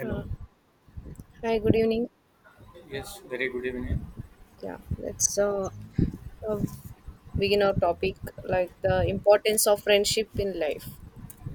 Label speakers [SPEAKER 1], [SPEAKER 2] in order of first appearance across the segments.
[SPEAKER 1] Uh, Hi, good evening.
[SPEAKER 2] Yes, very good evening.
[SPEAKER 1] Yeah, let's uh, begin our topic like the importance of friendship in life.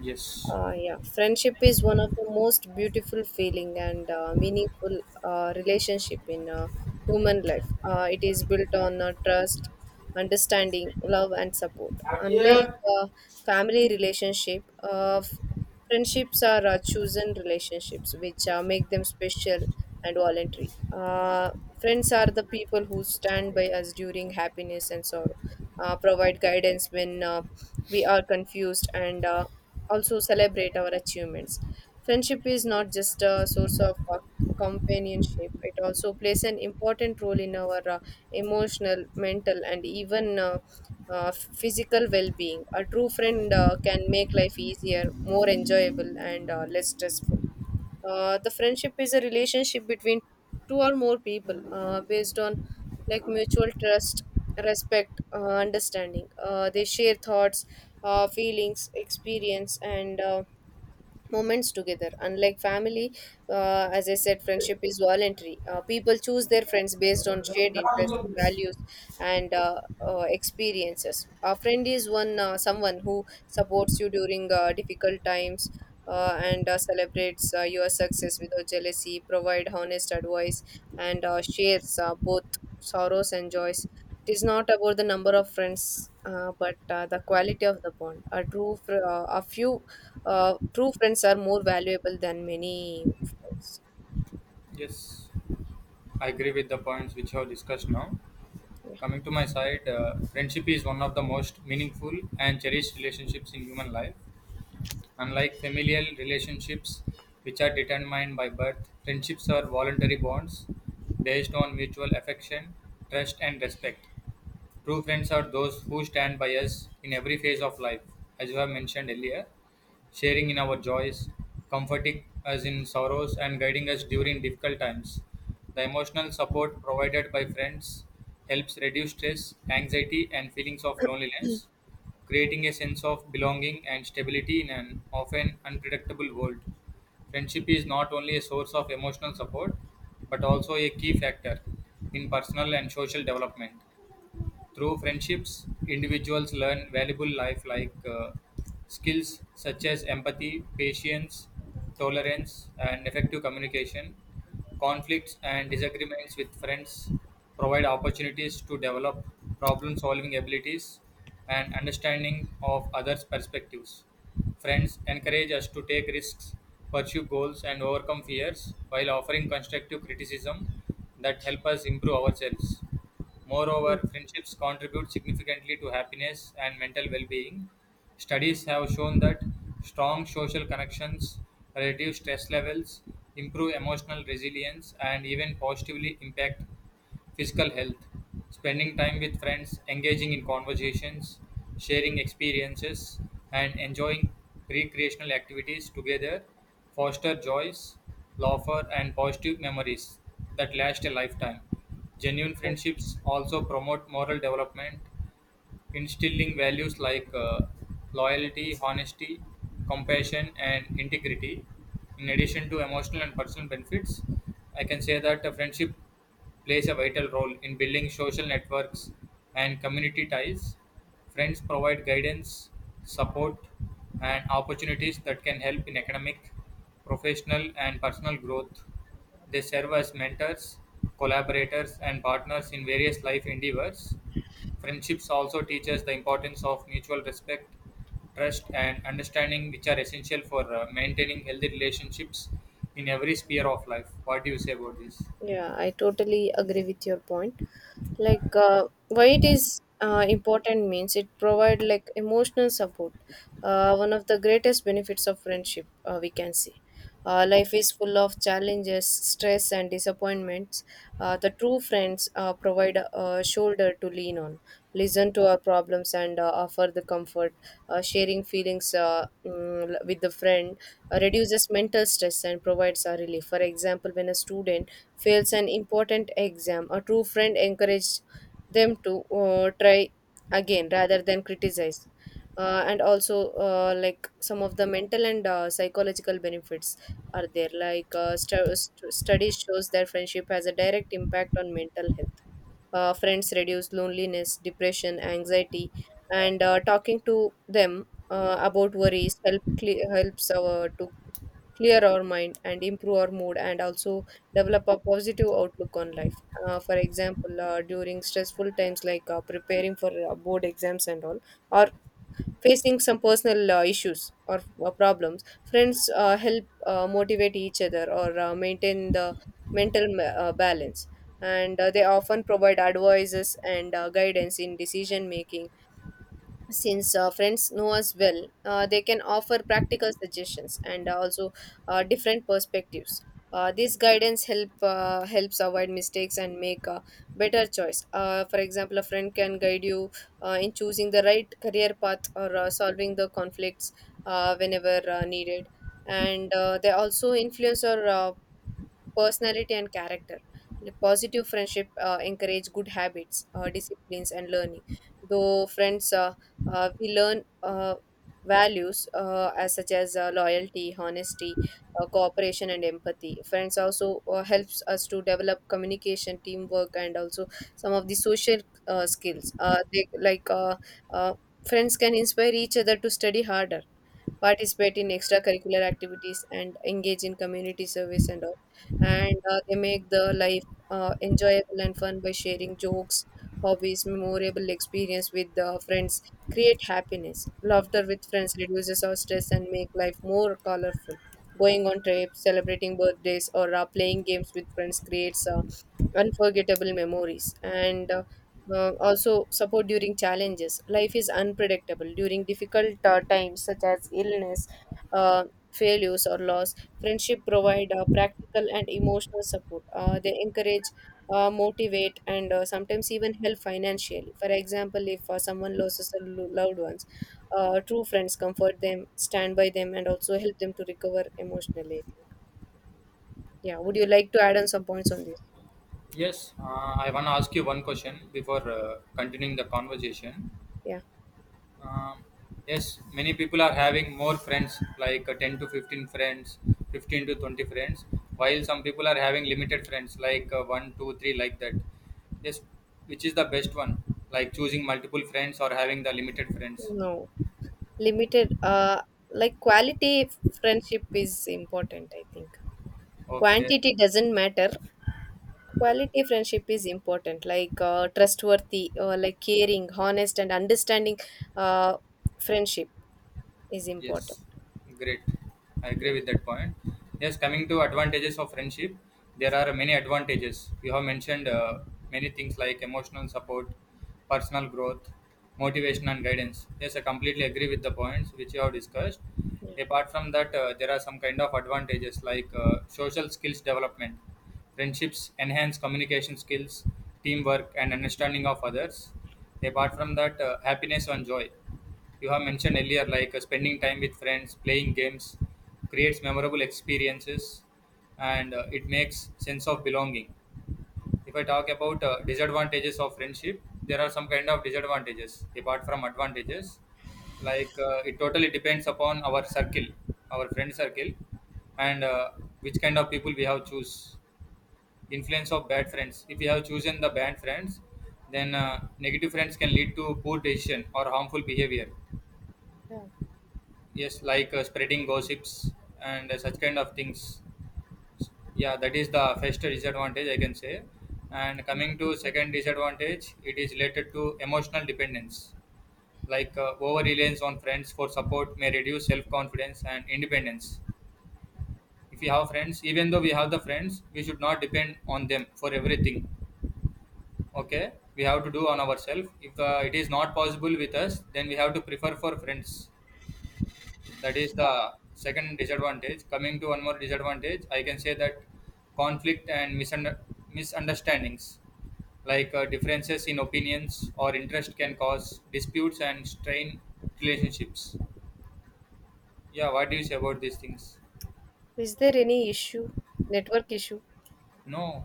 [SPEAKER 2] Yes,
[SPEAKER 1] Yeah, Friendship is one of the most beautiful feeling and meaningful relationship in human life. It is built on trust, understanding, love, and support. Unlike uh, family relationship, friendships are chosen relationships, which make them special and voluntary. Friends are the people who stand by us during happiness and sorrow, provide guidance when we are confused, and also celebrate our achievements. Friendship is not just a source of companionship, it also plays an important role in our emotional, mental, and even physical well being. A true friend can make life easier, more enjoyable, and less stressful. The friendship is a relationship between two or more people based on like mutual trust, respect, understanding. They share thoughts, feelings, experience, and moments together. Unlike family, as I said, friendship is voluntary. People choose their friends based on shared interests,
[SPEAKER 2] yes,
[SPEAKER 1] values, and experiences. A friend is one someone who supports you during difficult times. And Celebrates your success without jealousy, provide honest advice, and shares both sorrows and joys. It is not about the number of friends, but the quality of the bond. A few true friends are more valuable than many friends.
[SPEAKER 2] I agree with the points which you have discussed now.
[SPEAKER 1] Yeah.
[SPEAKER 2] Coming to my side, friendship is one of the most meaningful and cherished relationships in human life. Unlike familial relationships, which are determined by birth, friendships are voluntary bonds based on mutual affection, trust, and respect. True friends are those who stand by us in every phase of life, as you have mentioned earlier, sharing in our joys, comforting us in sorrows, and guiding us during difficult times. The emotional support provided by friends helps reduce stress, anxiety, and feelings of loneliness, creating a sense of belonging and stability in an often unpredictable world. Friendship is not only a source of emotional support, but also a key factor in personal and social development through friendships, individuals learn valuable life like skills such as empathy, patience, tolerance, and effective communication. Conflicts and disagreements with friends provide opportunities to develop problem solving abilities and understanding of others' perspectives. Friends encourage us to take risks, pursue goals, and overcome fears while offering constructive criticism that help us improve ourselves. Moreover, friendships contribute significantly to happiness and mental well being. Studies have shown that strong social connections reduce stress levels, improve emotional resilience, and even positively impact physical health. Spending time with friends, engaging in conversations, sharing experiences, and enjoying recreational activities together foster joys, laughter, and positive memories that last a lifetime. Genuine friendships also promote moral development instilling values like loyalty, honesty, compassion, and integrity. In addition to emotional and personal benefits, I can say that a friendship plays a vital role in building social networks and community ties. Friends provide guidance, support, and opportunities that can help in academic, professional, and personal growth. They serve as mentors, collaborators, and partners in various life endeavors. Friendships also teach us the importance of mutual respect, trust, and understanding, which are essential for maintaining healthy relationships in every sphere of life. What do you say about this?
[SPEAKER 1] Yeah, I totally agree with your point. Why it is important means it provide like emotional support. One of the greatest benefits of friendship, we can see. Life is full of challenges, stress, and disappointments. The true friends provide a shoulder to lean on, listen to our problems, and offer the comfort. Sharing feelings with the friend reduces mental stress and provides a relief. For example, when a student fails an important exam, a true friend encourages them to try again rather than criticize. Like some of the mental and psychological benefits are there. Like studies shows that friendship has a direct impact on mental health. Friends reduce loneliness, depression, anxiety, and talking to them about worries helps our to clear our mind and improve our mood, and also develop a positive outlook on life. For example, during stressful times like preparing for board exams and all, or facing some personal issues or problems, friends help motivate each other or maintain the mental balance. And they often provide advices and guidance in decision making. Since friends know us well, they can offer practical suggestions and also different perspectives. This guidance helps avoid mistakes and make a better choice. For example, a friend can guide you in choosing the right career path, or solving the conflicts whenever needed. And they also influence or personality and character. Like, positive friendship encourage good habits, disciplines, and learning. Though friends, we learn values as such as loyalty, honesty, cooperation, and empathy. Friends also helps us to develop communication, teamwork, and also some of the social skills. They like uh, Friends can inspire each other to study harder, participate in extracurricular activities, and engage in community service and all. And they make the life enjoyable and fun by sharing jokes, hobbies, memorable experience with the friends, create happiness. Laughter with friends reduces our stress and make life more colorful. Going on trips, celebrating birthdays, or playing games with friends creates unforgettable memories. And also, support during challenges. Life is unpredictable. During difficult times, such as illness, uh, failures, or loss, friendship provide practical and emotional support. They encourage, motivate, and sometimes even help financially. For example, if someone loses loved ones, true friends comfort them, stand by them, and also help them to recover emotionally, I think. Yeah. Would you like to add on some points on this?
[SPEAKER 2] Yes, I want to ask you one question before continuing the conversation.
[SPEAKER 1] Yeah.
[SPEAKER 2] Um, yes, many people are having more friends, like 10 to 15 friends, 15 to 20 friends, while some people are having limited friends, like 1, two, three, like that. Yes, which is the best one? Like choosing multiple friends or having the limited friends?
[SPEAKER 1] No. Limited, like quality friendship is important, I think.
[SPEAKER 2] Okay.
[SPEAKER 1] Quantity doesn't matter. Quality friendship is important, like trustworthy, like caring, honest, and understanding uh friendship is important.
[SPEAKER 2] Yes, great. I
[SPEAKER 1] Yeah.
[SPEAKER 2] agree with that point. Yes, coming to advantages of friendship, there are many advantages. You have mentioned many things like emotional support, personal growth, motivation, and guidance. Yes, I completely agree with the points which you have discussed.
[SPEAKER 1] Yeah,
[SPEAKER 2] Apart from that, there are some kind of advantages like social skills development. Friendships enhance communication skills, teamwork, and understanding of others. Apart from that, happiness and joy you have mentioned earlier, like spending time with friends, playing games, creates memorable experiences, and it makes sense of belonging. If I talk about disadvantages of friendship, there are some kind of disadvantages apart from advantages. Like it totally depends upon our circle, our friend circle, and which kind of people we have choose. Influence of bad friends. If we have chosen the bad friends, then negative friends can lead to poor decision or harmful behavior, yes, like spreading gossips and such kind of things. Yeah, that is the first disadvantage I can say. And coming to
[SPEAKER 1] yeah.
[SPEAKER 2] second disadvantage, it is related to emotional dependence, like over reliance on friends for support may reduce self confidence and independence. If we have friends, even though we have the friends, we should not depend on them for everything. Okay, we have to do on ourselves. If it is not possible with us, then we have to prefer for friends. That is the second disadvantage. Coming to one more disadvantage, I can say that conflict and misunderstandings, like differences in opinions or interest can cause disputes and strain relationships. Yeah, what do you say about these things?
[SPEAKER 1] Is there any issue? Network issue?
[SPEAKER 2] No,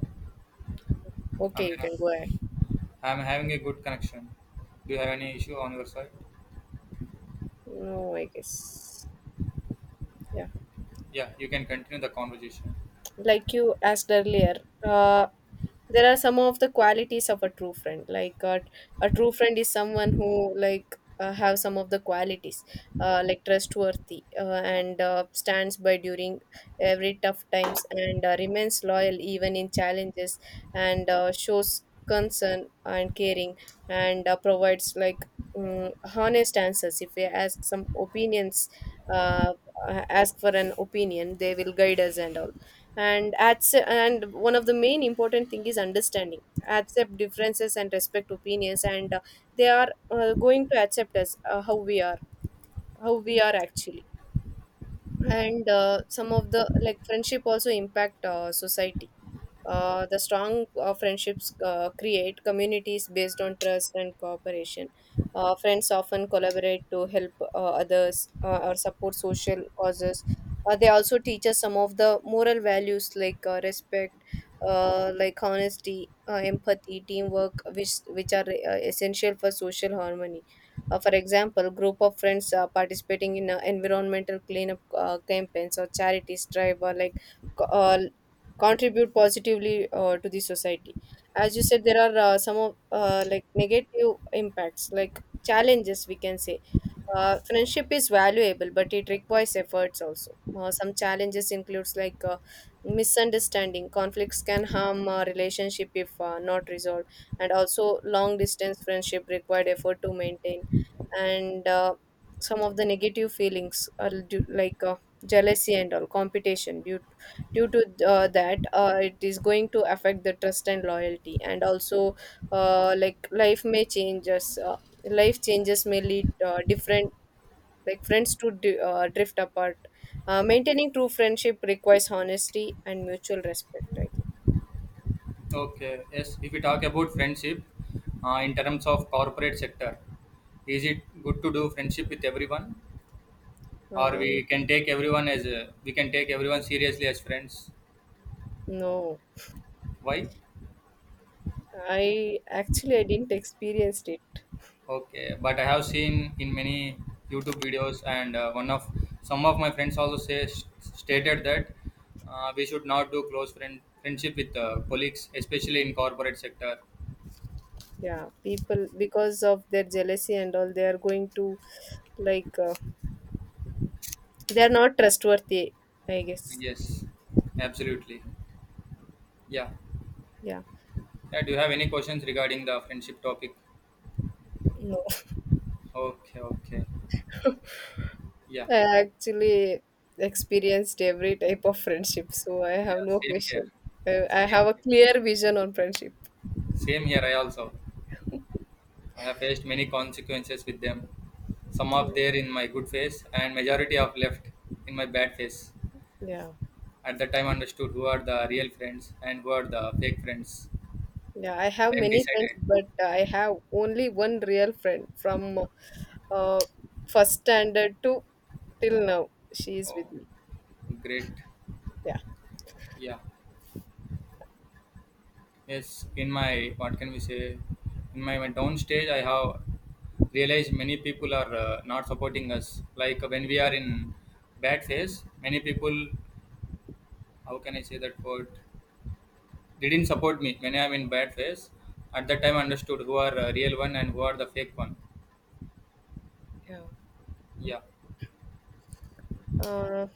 [SPEAKER 2] I
[SPEAKER 1] Okay,
[SPEAKER 2] mean,
[SPEAKER 1] you can go ahead.
[SPEAKER 2] I'm having a good connection. Do you have any issue on your side?
[SPEAKER 1] No, I guess. Yeah.
[SPEAKER 2] Yeah, you can continue the conversation.
[SPEAKER 1] Like you asked earlier, uh there are some of the qualities of a true friend, like a true friend is someone who, like, have some of the qualities, like trustworthy and stands by during every tough times, and remains loyal even in challenges, and shows concern and caring, and provides like mm honest answers. If we ask some opinions, uh, ask for an opinion, they will guide us and all. And one of the main important thing is understanding, accept differences and respect opinions, and they are going to accept us how we are actually. And some of the like friendship also impact society. The strong friendships create communities based on trust and cooperation. Friends often collaborate to help others, or support social causes. They also teach us some of the moral values, like respect, like honesty, empathy, teamwork, which are essential for social harmony. For example, group of friends participating in environmental cleanup campaigns or charities drive, or like co- uh, contribute positively to the society. As you said, there are some of like negative impacts, like challenges we can say. Friendship is valuable, but it requires efforts also. Some challenges includes, like, misunderstanding. Conflicts can harm a relationship if not resolved, and also long distance friendship required effort to maintain. And some of the negative feelings are due, like jealousy and all, competition, due to that it is going to affect the trust and loyalty. And also, like, life changes may lead different like friends to drift apart. Maintaining true friendship requires honesty and mutual respect, I think.
[SPEAKER 2] Okay, yes. If we talk about friendship in terms of corporate sector, is it good to do friendship with everyone, or we
[SPEAKER 1] um,
[SPEAKER 2] can take everyone as a, we can take everyone seriously as friends?
[SPEAKER 1] no.
[SPEAKER 2] Why?
[SPEAKER 1] I didn't experience it.
[SPEAKER 2] Okay, but I have seen in many YouTube videos, and one of some of my friends also says stated that we should not do close friend friendship with colleagues, especially in corporate sector.
[SPEAKER 1] Yeah, people, because of their jealousy and all, they are going to, like, they are not trustworthy, I guess.
[SPEAKER 2] Yes, absolutely. Yeah.
[SPEAKER 1] Yeah.
[SPEAKER 2] Yeah, do you have any questions regarding the friendship topic?
[SPEAKER 1] No.
[SPEAKER 2] Okay, okay. Yeah,
[SPEAKER 1] I actually experienced every type of friendship, so I
[SPEAKER 2] yeah,
[SPEAKER 1] have no
[SPEAKER 2] same here.
[SPEAKER 1] questions. I have
[SPEAKER 2] Same
[SPEAKER 1] a
[SPEAKER 2] here.
[SPEAKER 1] clear vision on friendship.
[SPEAKER 2] Same here, I also. I have faced many consequences with them. Some
[SPEAKER 1] Yeah.
[SPEAKER 2] of there in my good face and majority of left in my bad face.
[SPEAKER 1] Yeah.
[SPEAKER 2] At the time understood who are the real friends and who are the fake friends.
[SPEAKER 1] Yeah, I have
[SPEAKER 2] I'm
[SPEAKER 1] many friends,
[SPEAKER 2] decided.
[SPEAKER 1] but I have only one real friend from uh, first standard to till now. She is
[SPEAKER 2] Oh,
[SPEAKER 1] with me.
[SPEAKER 2] great.
[SPEAKER 1] Yeah.
[SPEAKER 2] Yeah. Yes, in my, what can we say, in my down stage, I have realized many people are not supporting us. Like when we are in bad phase, many people, how can I say that word, didn't support me when I am in bad phase. At that time, I understood who are real one and who are the fake one.
[SPEAKER 1] Yeah.
[SPEAKER 2] Yeah.
[SPEAKER 1] uh,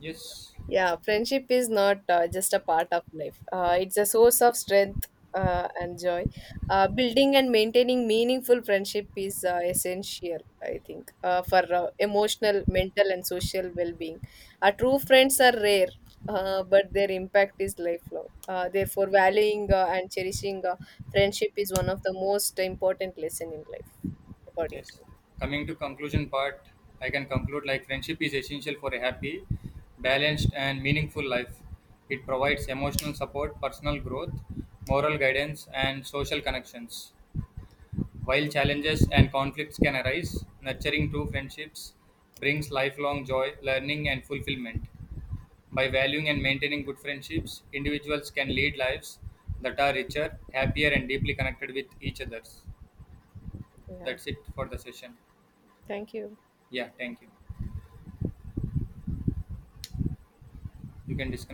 [SPEAKER 2] Yes.
[SPEAKER 1] Yeah, Friendship is not just a part of life. It's a source of strength and joy. Building and maintaining meaningful friendship is essential, I think, for emotional, mental, and social well-being. Our true friends are rare, but their impact is lifelong. Therefore, valuing and cherishing friendship is one of the most important lesson in life, according
[SPEAKER 2] Yes.
[SPEAKER 1] to
[SPEAKER 2] Coming to conclusion part, I can conclude like friendship is essential for a happy, balanced, and meaningful life. It provides emotional support, personal growth, moral guidance, and social connections. While challenges and conflicts can arise, nurturing true friendships brings lifelong joy, learning, and fulfillment. By valuing and maintaining good friendships, individuals can lead lives that are richer, happier, and deeply connected with each other.
[SPEAKER 1] me. Yeah.
[SPEAKER 2] That's it for the session.
[SPEAKER 1] Thank you.
[SPEAKER 2] Yeah, thank you. You can disconnect.